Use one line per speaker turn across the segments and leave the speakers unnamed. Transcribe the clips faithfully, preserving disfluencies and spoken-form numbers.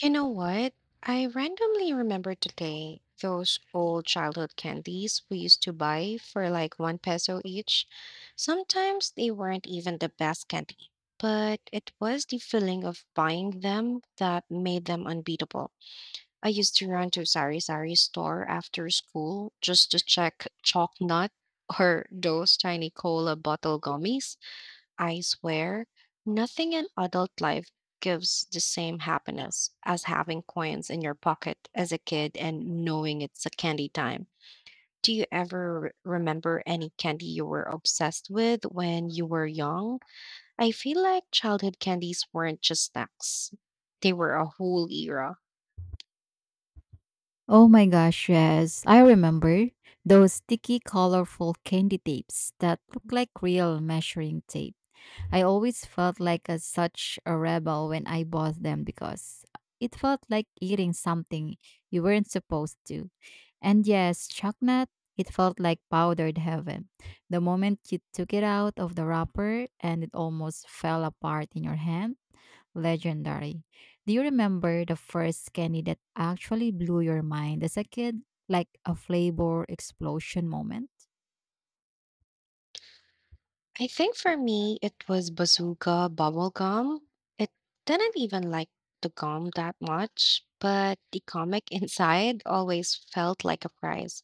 You know what? I randomly remembered today those old childhood candies we used to buy for like one peso each. Sometimes they weren't even the best candy, but it was the feeling of buying them that made them unbeatable. I used to run to Sari Sari store after school just to check chalk nut or those tiny cola bottle gummies. I swear, nothing in adult life gives the same happiness as having coins in your pocket as a kid and knowing it's a candy time. Do you ever re- remember any candy you were obsessed with when you were young? I feel like childhood candies weren't just snacks, they were a whole era.
Oh my gosh, yes. I remember those sticky, colorful candy tapes that look like real measuring tape. I always felt like a, such a rebel when I bought them because it felt like eating something you weren't supposed to. And yes, chocolate, it felt like powdered heaven. The moment you took it out of the wrapper and it almost fell apart in your hand, legendary. Do you remember the first candy that actually blew your mind as a kid, like a flavor explosion moment?
I think for me, it was Bazooka bubble gum. It didn't even like the gum that much, but the comic inside always felt like a prize.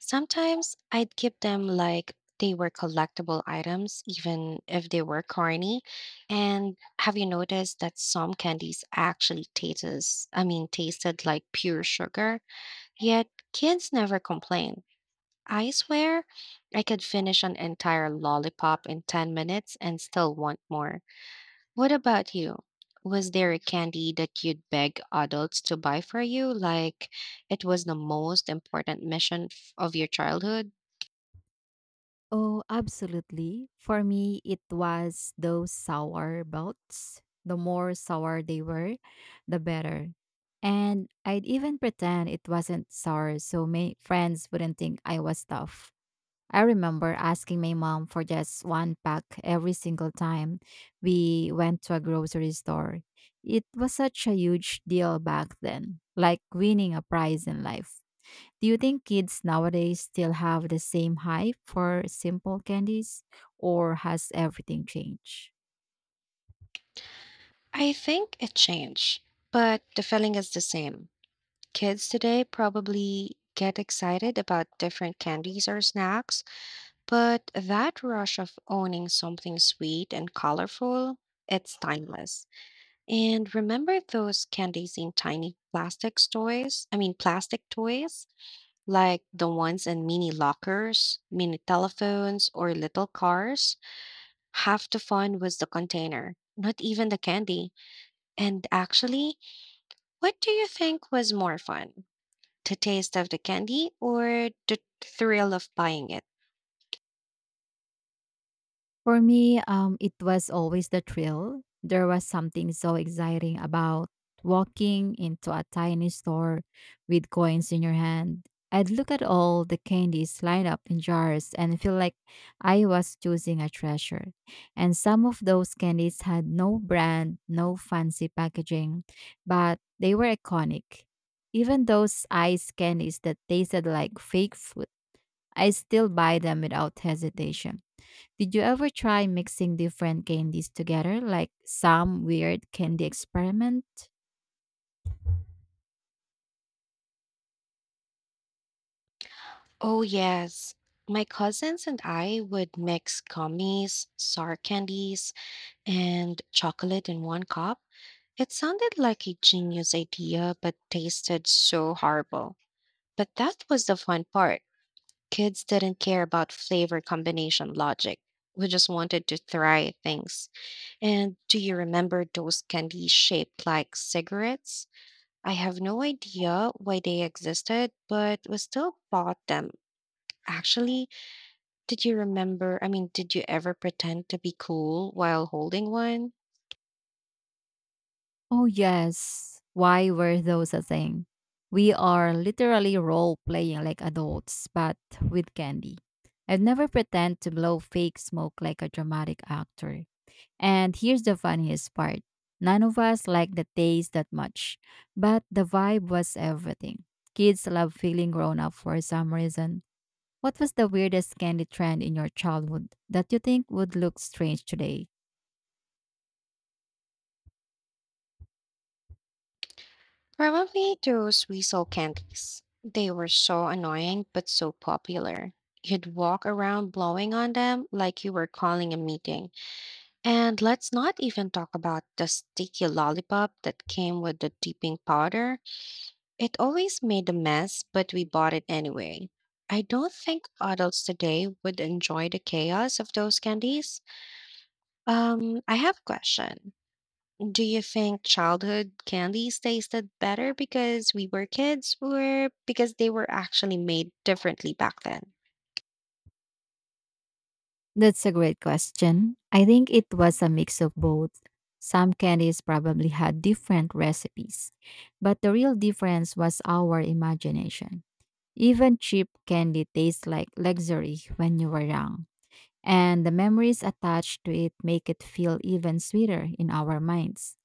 Sometimes I'd keep them like they were collectible items, even if they were corny. And have you noticed that some candies actually tastes, I mean, tasted like pure sugar? Yet kids never complained. I swear I could finish an entire lollipop in ten minutes and still want more. What about you? Was there a candy that you'd beg adults to buy for you, like it was the most important mission f- of your childhood?
Oh, absolutely. For me, it was those sour belts. The more sour they were, the better. And I'd even pretend it wasn't sour so my friends wouldn't think I was tough. I remember asking my mom for just one pack every single time we went to a grocery store. It was such a huge deal back then, like winning a prize in life. Do you think kids nowadays still have the same hype for simple candies, or has everything changed?
I think it changed, but the feeling is the same. Kids today probably get excited about different candies or snacks, but that rush of owning something sweet and colorful, it's timeless. And remember those candies in tiny plastic toys? I mean, plastic toys, like the ones in mini lockers, mini telephones, or little cars? Half the fun was the container, not even the candy. And actually, what do you think was more fun? The taste of the candy or the thrill of buying it?
For me, um, it was always the thrill. There was something so exciting about walking into a tiny store with coins in your hand. I'd look at all the candies lined up in jars and feel like I was choosing a treasure. And some of those candies had no brand, no fancy packaging, but they were iconic. Even those ice candies that tasted like fake food, I still buy them without hesitation. Did you ever try mixing different candies together, like some weird candy experiment?
Oh, yes. My cousins and I would mix gummies, sour candies, and chocolate in one cup. It sounded like a genius idea, but tasted so horrible. But that was the fun part. Kids didn't care about flavor combination logic. We just wanted to try things. And do you remember those candies shaped like cigarettes? I have no idea why they existed, but we still bought them. Actually, did you remember? I mean, did you ever pretend to be cool while holding one?
Oh, yes. Why were those a thing? We are literally role playing like adults, but with candy. I'd never pretend to blow fake smoke like a dramatic actor. And here's the funniest part, none of us liked the taste that much, but the vibe was everything. Kids love feeling grown up for some reason. What was the weirdest candy trend in your childhood that you think would look strange today?
Probably those weasel candies. They were so annoying but so popular. You'd walk around blowing on them like you were calling a meeting. And let's not even talk about the sticky lollipop that came with the dipping powder. It always made a mess, but we bought it anyway. I don't think adults today would enjoy the chaos of those candies. Um, I have a question. Do you think childhood candies tasted better because we were kids or because they were actually made differently back then?
That's a great question. I think it was a mix of both. Some candies probably had different recipes, but the real difference was our imagination. Even cheap candy tastes like luxury when you were young, and the memories attached to it make it feel even sweeter in our minds.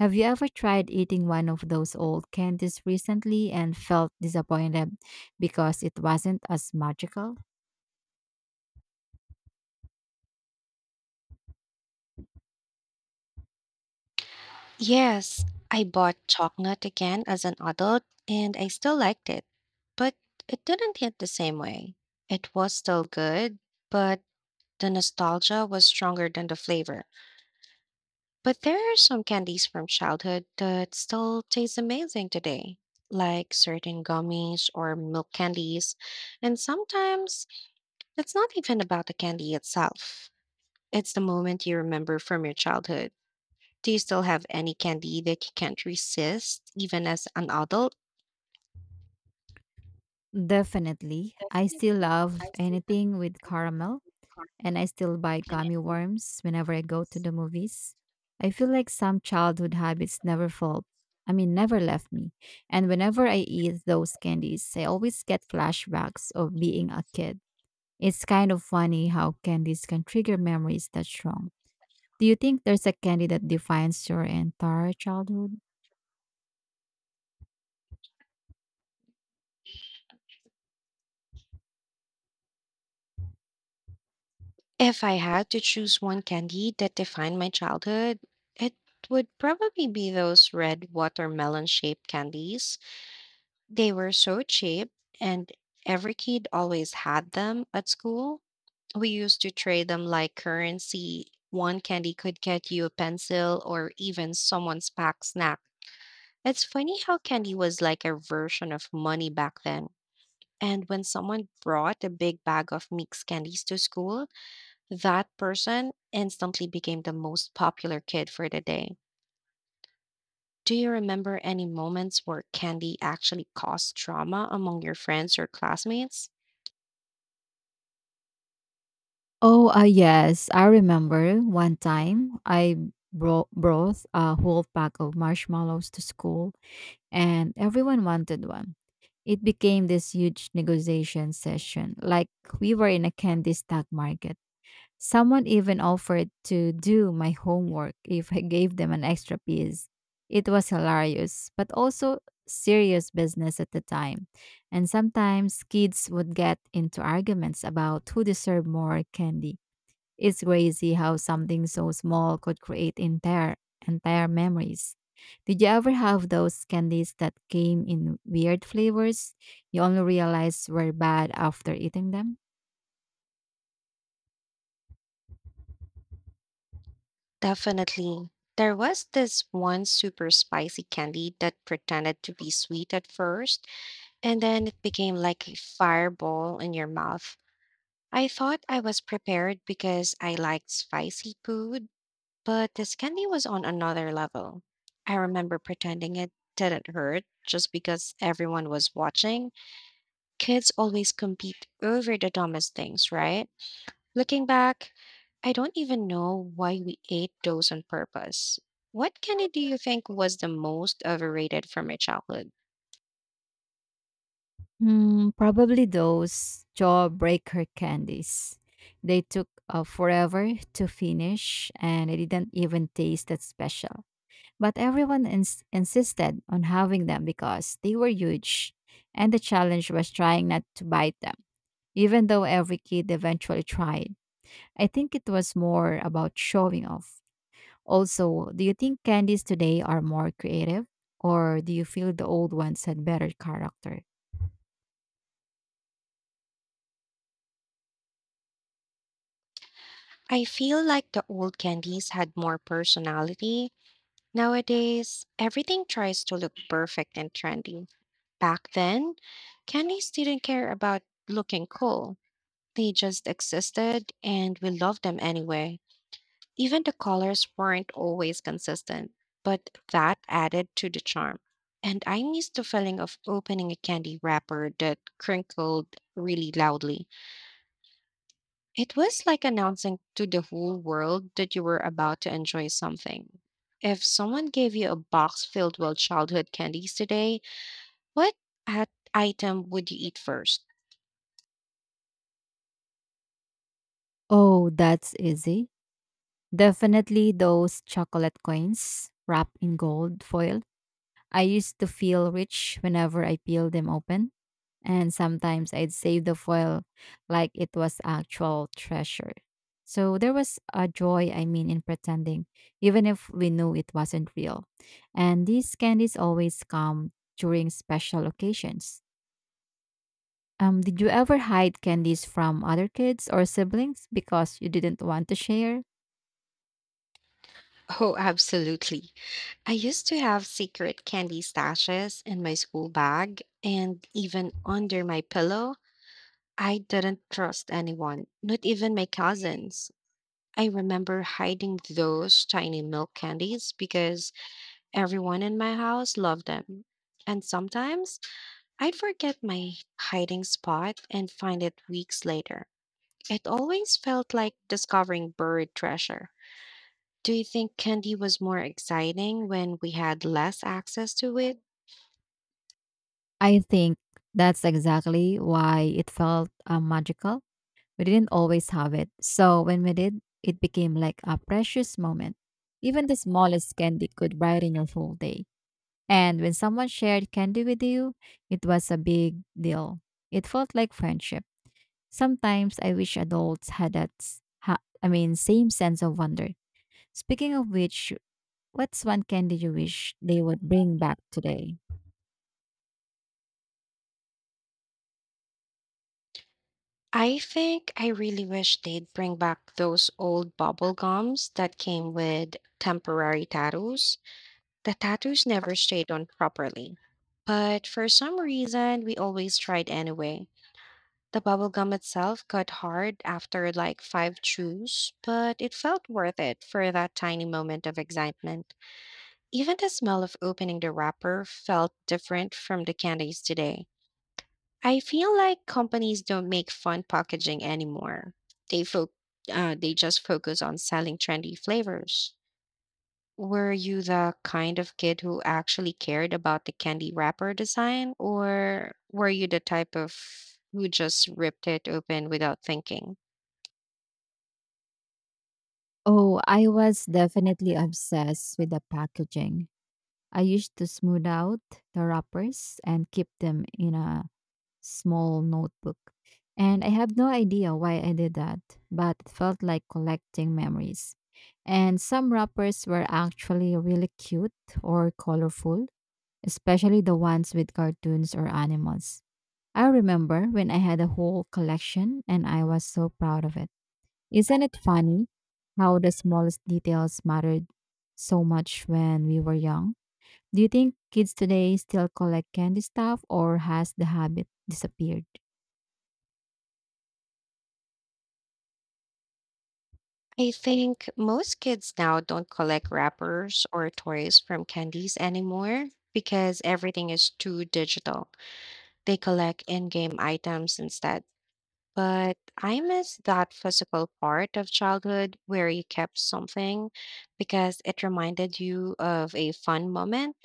Have you ever tried eating one of those old candies recently and felt disappointed because it wasn't as magical?
Yes, I bought chocolate again as an adult and I still liked it, but it didn't hit the same way. It was still good, but the nostalgia was stronger than the flavor. But there are some candies from childhood that still taste amazing today, like certain gummies or milk candies, and sometimes it's not even about the candy itself. It's the moment you remember from your childhood. Do you still have any candy that you can't resist, even as an adult?
Definitely. I still
Definitely.
love
I see that.
anything with
I
caramel,
have a card.
and I still buy
Can I
gummy
still
worms whenever I go to
use?
the movies. I feel like some childhood habits never fall. I mean, never left me. And whenever I eat those candies, I always get flashbacks of being a kid. It's kind of funny how candies can trigger memories that strong. Do you think there's a candy that defines your entire childhood?
If I had to choose one candy that defined my childhood, it would probably be those red watermelon shaped candies. They were so cheap, and every kid always had them at school. We used to trade them like currency. One candy could get you a pencil or even someone's packed snack. It's funny how candy was like a version of money back then. And when someone brought a big bag of mixed candies to school, that person instantly became the most popular kid for the day. Do you remember any moments where candy actually caused drama among your friends or classmates?
Oh, uh, yes. I remember one time I bro- brought a whole pack of marshmallows to school and everyone wanted one. It became this huge negotiation session, like we were in a candy stock market. Someone even offered to do my homework if I gave them an extra piece. It was hilarious, but also serious business at the time. And sometimes kids would get into arguments about who deserved more candy. It's crazy how something so small could create entire entire memories. Did you ever have those candies that came in weird flavors you only realized were bad after eating them?
Definitely. There was this one super spicy candy that pretended to be sweet at first, and then it became like a fireball in your mouth. I thought I was prepared because I liked spicy food, but this candy was on another level. I remember pretending it didn't hurt just because everyone was watching. Kids always compete over the dumbest things, right? Looking back, I don't even know why we ate those on purpose. What candy do you think was the most overrated from your childhood?
Hmm, probably those jawbreaker candies. They took uh, forever to finish and they didn't even taste that special. But everyone ins- insisted on having them because they were huge and the challenge was trying not to bite them, even though every kid eventually tried. I think it was more about showing off. Also, do you think candies today are more creative or do you feel the old ones had better character?
I feel like the old candies had more personality. Nowadays, everything tries to look perfect and trendy. Back then, candies didn't care about looking cool. They just existed and we loved them anyway. Even the colors weren't always consistent, but that added to the charm. And I miss the feeling of opening a candy wrapper that crinkled really loudly. It was like announcing to the whole world that you were about to enjoy something. If someone gave you a box filled with childhood candies today, what at item would you eat first?
Oh, that's easy. Definitely those chocolate coins wrapped in gold foil. I used to feel rich whenever I peeled them open, and sometimes I'd save the foil like it was actual treasure. So there was a joy, I mean, in pretending, even if we knew it wasn't real. And these candies always come during special occasions. Um, did you ever hide candies from other kids or siblings because you didn't want to share?
Oh, absolutely. I used to have secret candy stashes in my school bag and even under my pillow. I didn't trust anyone, not even my cousins. I remember hiding those tiny milk candies because everyone in my house loved them. And sometimes I'd forget my hiding spot and find it weeks later. It always felt like discovering buried treasure. Do you think candy was more exciting when we had less access to it?
I think that's exactly why it felt uh, magical. We didn't always have it. So when we did, it became like a precious moment. Even the smallest candy could brighten your whole day. And when someone shared candy with you, it was a big deal. It felt like friendship. Sometimes I wish adults had that, s- ha- I mean, same sense of wonder. Speaking of which, what's one candy you wish they would bring back today?
I think I really wish they'd bring back those old bubble gums that came with temporary tattoos. The tattoos never stayed on properly. But for some reason, we always tried anyway. The bubble gum itself got hard after like five chews, but it felt worth it for that tiny moment of excitement. Even the smell of opening the wrapper felt different from the candies today. I feel like companies don't make fun packaging anymore. They fo- uh, they just focus on selling trendy flavors. Were you the kind of kid who actually cared about the candy wrapper design, or were you the type of who just ripped it open without thinking?
Oh, I was definitely obsessed with the packaging. I used to smooth out the wrappers and keep them in a small notebook. And I have no idea why I did that, but it felt like collecting memories. And some wrappers were actually really cute or colorful, especially the ones with cartoons or animals. I remember when I had a whole collection and I was so proud of it. Isn't it funny how the smallest details mattered so much when we were young? Do you think kids today still collect candy stuff or has the habit disappeared?
I think most kids now don't collect wrappers or toys from candies anymore because everything is too digital. They collect in game items instead. But I miss that physical part of childhood where you kept something because it reminded you of a fun moment,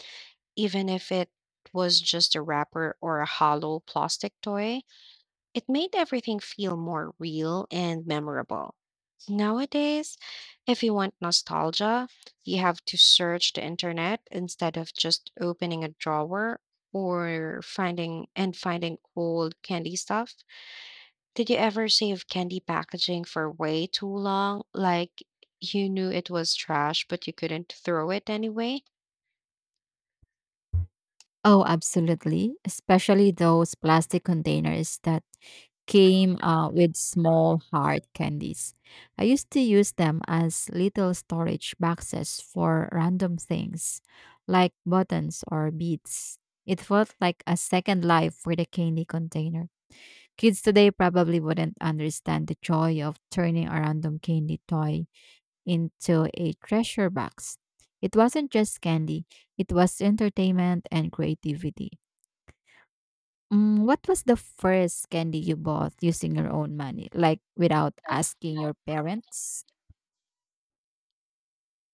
even if it was just a wrapper or a hollow plastic toy. It made everything feel more real and memorable. Nowadays, if you want nostalgia, you have to search the internet instead of just opening a drawer or finding and finding old candy stuff. Did you ever save candy packaging for way too long? Like you knew it was trash, but you couldn't throw it anyway?
Oh, absolutely. Especially those plastic containers that came uh, with small hard candies. I used to use them as little storage boxes for random things like buttons or beads. It felt like a second life for the candy container. Kids today probably wouldn't understand the joy of turning a random candy toy into a treasure box. It wasn't just candy, it was entertainment and creativity. Mm, what was the first candy you bought using your own money, like without
Like, you
asking
know,
your parents?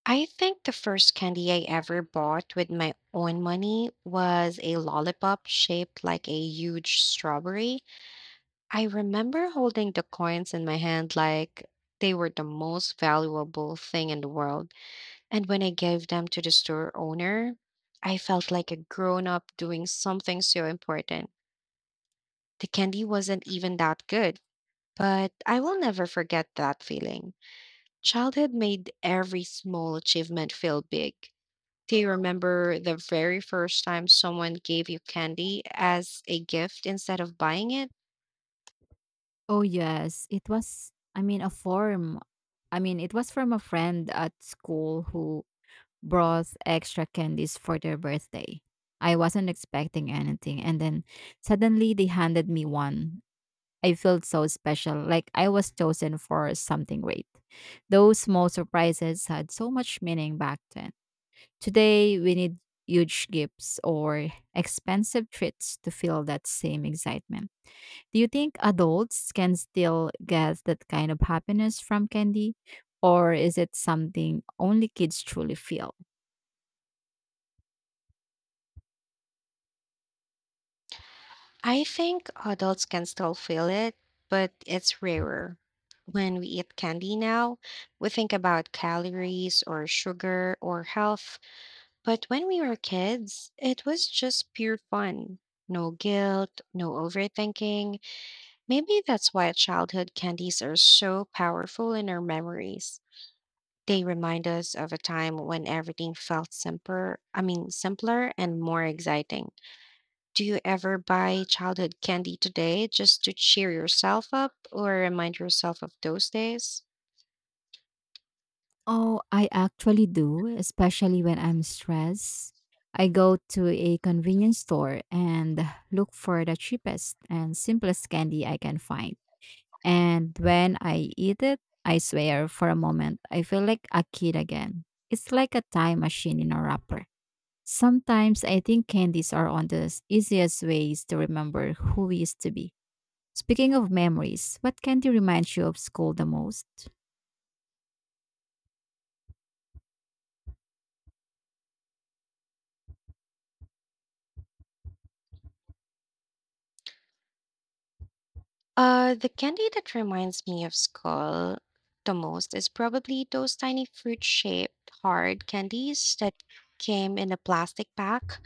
I think the first candy I ever bought with my own money was a lollipop shaped like a huge strawberry. I remember holding the coins in my hand like they were the most valuable thing in the world. And when I gave them to the store owner, I felt like a grown up doing something so important. The candy wasn't even that good, but I will never forget that feeling. Childhood made every small achievement feel big. Do you remember the very first time someone gave you candy as a gift instead of buying it?
Oh, yes, it was, I mean, a form. I mean, it was from a friend at school who brought extra candies for their birthday. I wasn't expecting anything, and then suddenly they handed me one. I felt so special, like I was chosen for something great. Those small surprises had so much meaning back then. Today, we need huge gifts or expensive treats to feel that same excitement. Do you think adults can still get that kind of happiness from candy? Or is it something only kids truly feel?
I think adults can still feel it, but it's rarer. When we eat candy now, we think about calories or sugar or health. But when we were kids, it was just pure fun. No guilt, no overthinking. Maybe that's why childhood candies are so powerful in our memories. They remind us of a time when everything felt simpler, I mean, simpler and more exciting. Do you ever buy childhood candy today just to cheer yourself up or remind yourself of those days?
Oh, I actually do, especially when I'm stressed. I go to a convenience store and look for the cheapest and simplest candy I can find. And when I eat it, I swear for a moment, I feel like a kid again. It's like a time machine in a wrapper. Sometimes I think candies are one of the easiest ways to remember who we used to be. Speaking of memories, what candy reminds you of school the most?
Uh, the candy that reminds me of school the most is probably those tiny fruit-shaped hard candies that came in a plastic pack.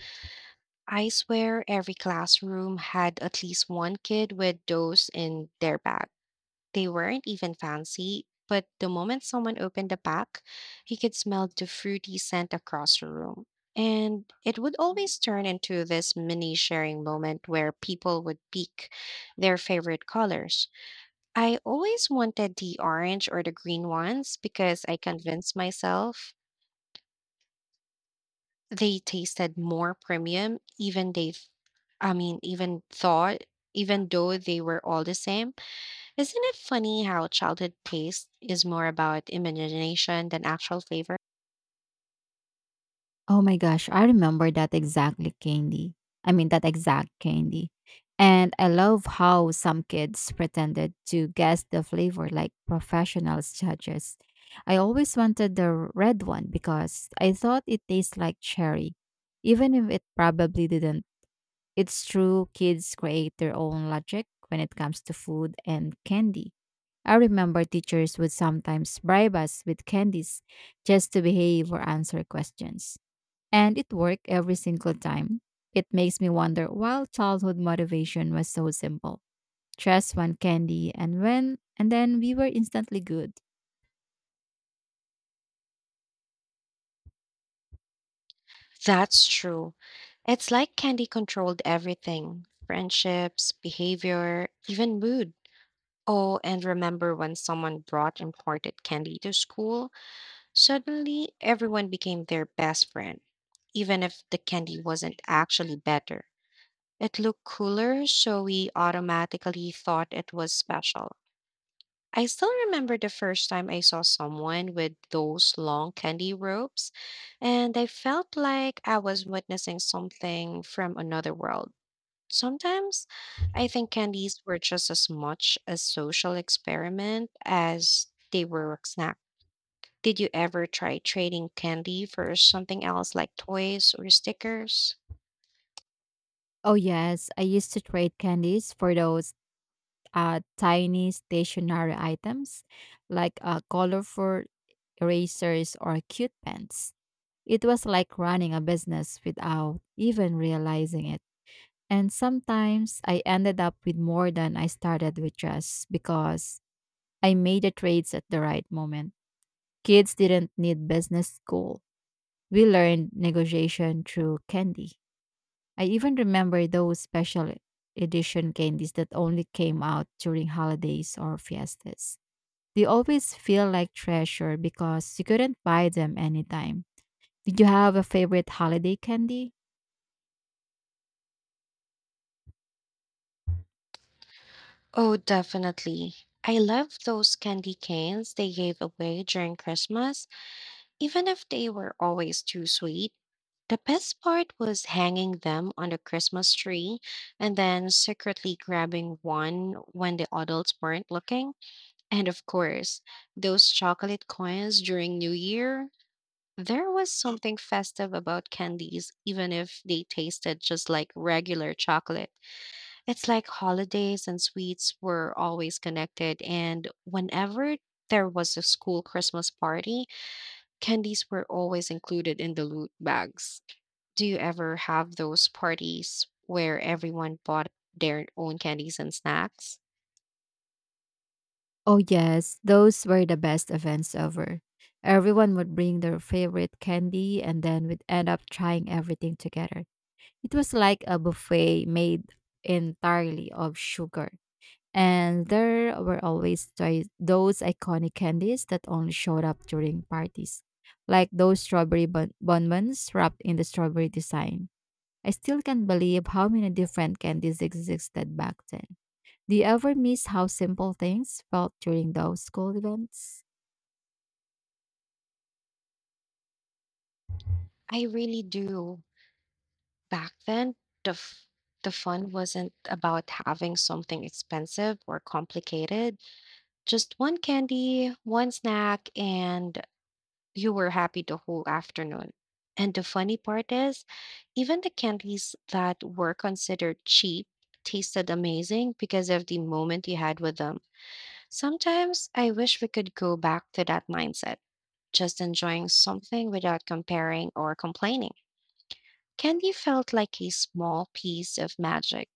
I swear every classroom had at least one kid with those in their bag. They weren't even fancy, but the moment someone opened the pack, he could smell the fruity scent across the room. And it would always turn into this mini sharing moment where people would pick their favorite colors. I always wanted the orange or the green ones because I convinced myself they tasted more premium, even they, I mean, even thought, even though they were all the same. Isn't it funny how childhood taste is more about imagination than actual flavor?
Oh my gosh, I remember that exactly candy. I mean that exact candy. And I love how some kids pretended to guess the flavor like professionals judges. I always wanted the red one because I thought it tastes like cherry, even if it probably didn't. It's true, kids create their own logic when it comes to food and candy. I remember teachers would sometimes bribe us with candies just to behave or answer questions. And it worked every single time. It makes me wonder why childhood motivation was so simple. Just one candy and when and then we were instantly good.
That's true. It's like candy controlled everything friendships, behavior, even mood. Oh, and remember when someone brought imported candy to school? Suddenly, everyone became their best friend, even if the candy wasn't actually better. It looked cooler, so we automatically thought it was special. I still remember the first time I saw someone with those long candy ropes, and I felt like I was witnessing something from another world. Sometimes I think candies were just as much a social experiment as they were a snack. Did you ever try trading candy for something else like toys or stickers?
Oh yes, I used to trade candies for those uh, tiny stationary items like uh, colorful erasers or cute pens. It was like running a business without even realizing it. And sometimes I ended up with more than I started with just because I made the trades at the right moment. Kids didn't need business school. We learned negotiation through candy. I even remember those special edition candies that only came out during holidays or fiestas. They always feel like treasure because you couldn't buy them anytime. Did you have a favorite holiday candy?
Oh, definitely. I love those candy canes they gave away during Christmas. Even if they were always too sweet, the best part was hanging them on the Christmas tree and then secretly grabbing one when the adults weren't looking. And of course, those chocolate coins during New Year. There was something festive about candies, even if they tasted just like regular chocolate. It's like holidays and sweets were always connected, and whenever there was a school Christmas party, candies were always included in the loot bags. Do you ever have those parties where everyone bought their own candies and snacks?
Oh, yes, those were the best events ever. Everyone would bring their favorite candy and then we'd end up trying everything together. It was like a buffet made entirely of sugar. And there were always tho- those iconic candies that only showed up during parties, like those strawberry bon- bonbons wrapped in the strawberry design. I still can't believe how many different candies existed back then. Do you ever miss how simple things felt during those school events?
I really do. Back then, the f- the fun wasn't about having something expensive or complicated. Just one candy, one snack, and you were happy the whole afternoon. And the funny part is, even the candies that were considered cheap tasted amazing because of the moment you had with them. Sometimes I wish we could go back to that mindset, just enjoying something without comparing or complaining. Candy felt like a small piece of magic.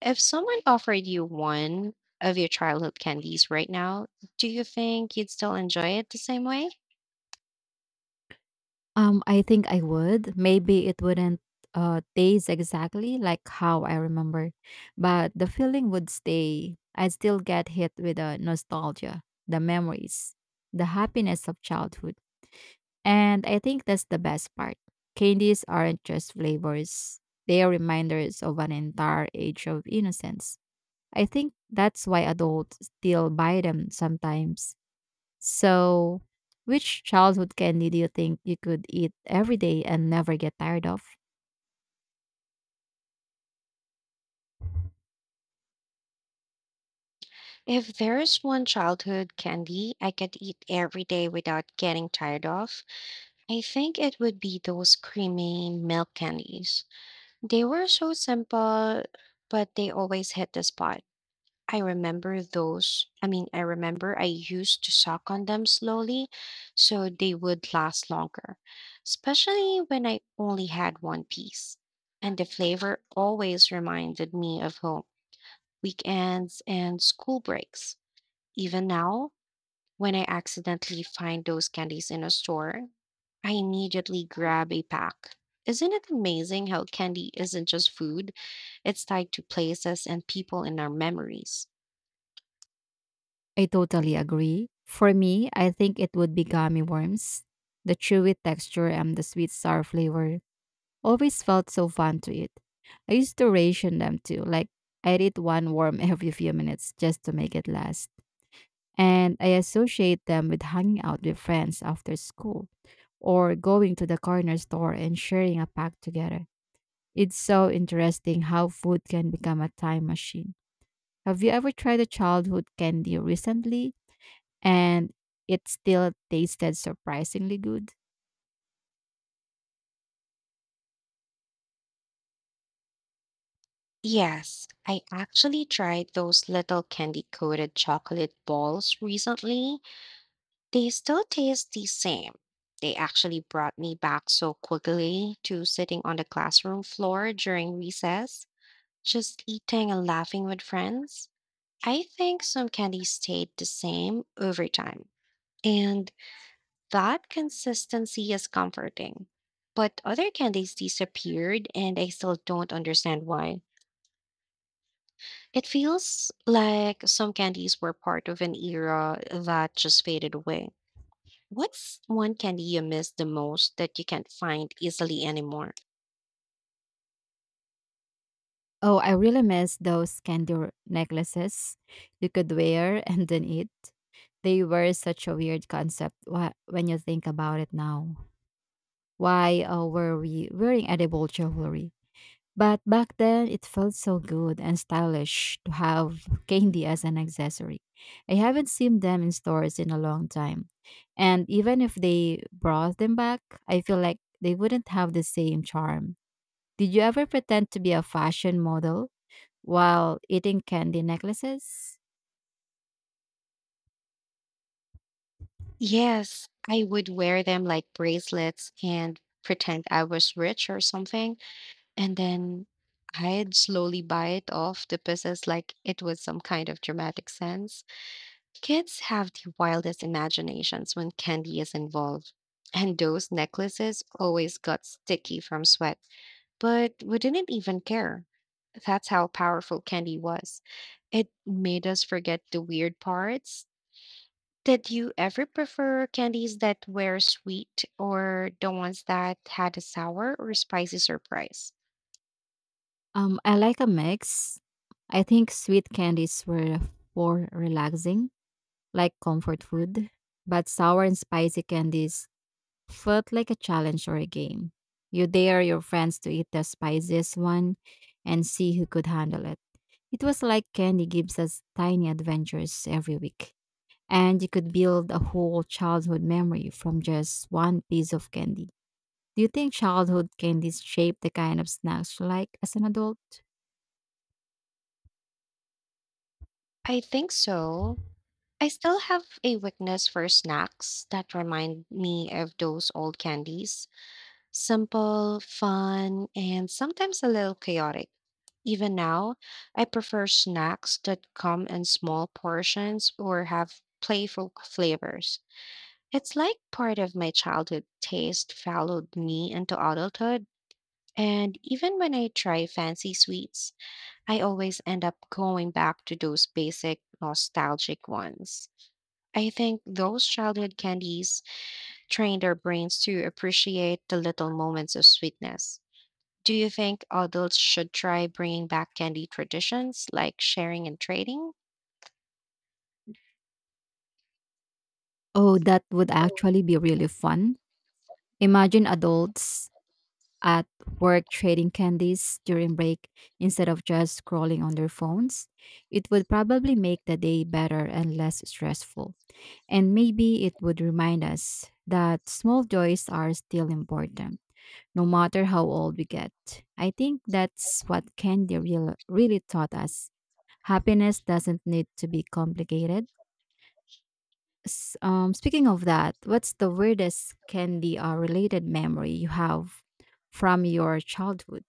If someone offered you one of your childhood candies right now, do you think you'd still enjoy it the same way?
Um, I think I would. Maybe it wouldn't uh taste exactly like how I remember, but the feeling would stay. I still get hit with the nostalgia, the memories, the happiness of childhood. And I think that's the best part. Candies aren't just flavors. They are reminders of an entire age of innocence. I think that's why adults still buy them sometimes, so, which childhood candy do you think you could eat every day and never get tired of?
If there is one childhood candy I could eat every day without getting tired of, I think it would be those creamy milk candies. They were so simple, but they always hit the spot. I remember those. I mean, I remember I used to suck on them slowly so they would last longer, especially when I only had one piece. And the flavor always reminded me of home, weekends, and school breaks. Even now, when I accidentally find those candies in a store, I immediately grab a pack. Isn't it amazing how candy isn't just food? It's tied to places and people in our memories.
I totally agree. For me, I think it would be gummy worms. The chewy texture and the sweet sour flavor always felt so fun to eat. I used to ration them too, like I'd eat one worm every few minutes just to make it last. And I associate them with hanging out with friends after school or going to the corner store and sharing a pack together. It's so interesting how food can become a time machine. Have you ever tried a childhood candy recently and it still tasted surprisingly good?
Yes, I actually tried those little candy coated chocolate balls recently. They still taste the same. They actually brought me back so quickly to sitting on the classroom floor during recess, just eating and laughing with friends. I think some candies stayed the same over time, and that consistency is comforting. But other candies disappeared, and I still don't understand why. It feels like some candies were part of an era that just faded away. What's one candy you miss the most that you can't find easily anymore?
Oh, I really miss those candy r- necklaces you could wear and then eat. They were such a weird concept wha- when you think about it now. Why uh, were we wearing edible jewelry? But back then, it felt so good and stylish to have candy as an accessory. I haven't seen them in stores in a long time. And even if they brought them back, I feel like they wouldn't have the same charm. Did you ever pretend to be a fashion model while eating candy necklaces?
Yes, I would wear them like bracelets and pretend I was rich or something. And then I'd slowly bite off the pieces like it was some kind of dramatic sense. Kids have the wildest imaginations when candy is involved. And those necklaces always got sticky from sweat, but we didn't even care. That's how powerful candy was. It made us forget the weird parts. Did you ever prefer candies that were sweet or the ones that had a sour or spicy surprise?
Um, I like a mix. I think sweet candies were for relaxing, like comfort food, but sour and spicy candies felt like a challenge or a game. You dare your friends to eat the spiciest one and see who could handle it. It was like candy gives us tiny adventures every week. And you could build a whole childhood memory from just one piece of candy. Do you think childhood candies shape the kind of snacks you like as an adult?
I think so. I still have a weakness for snacks that remind me of those old candies. Simple, fun, and sometimes a little chaotic. Even now, I prefer snacks that come in small portions or have playful flavors. It's like part of my childhood taste followed me into adulthood, and even when I try fancy sweets, I always end up going back to those basic nostalgic ones. I think those childhood candies trained our brains to appreciate the little moments of sweetness. Do you think adults should try bringing back candy traditions like sharing and trading?
Oh, that would actually be really fun. Imagine adults at work trading candies during break instead of just scrolling on their phones, it would probably make the day better and less stressful. And maybe it would remind us that small joys are still important, no matter how old we get. I think that's what candy real, really taught us. Happiness doesn't need to be complicated. S- Um, speaking of that, what's the weirdest candy or related memory you have from your childhood?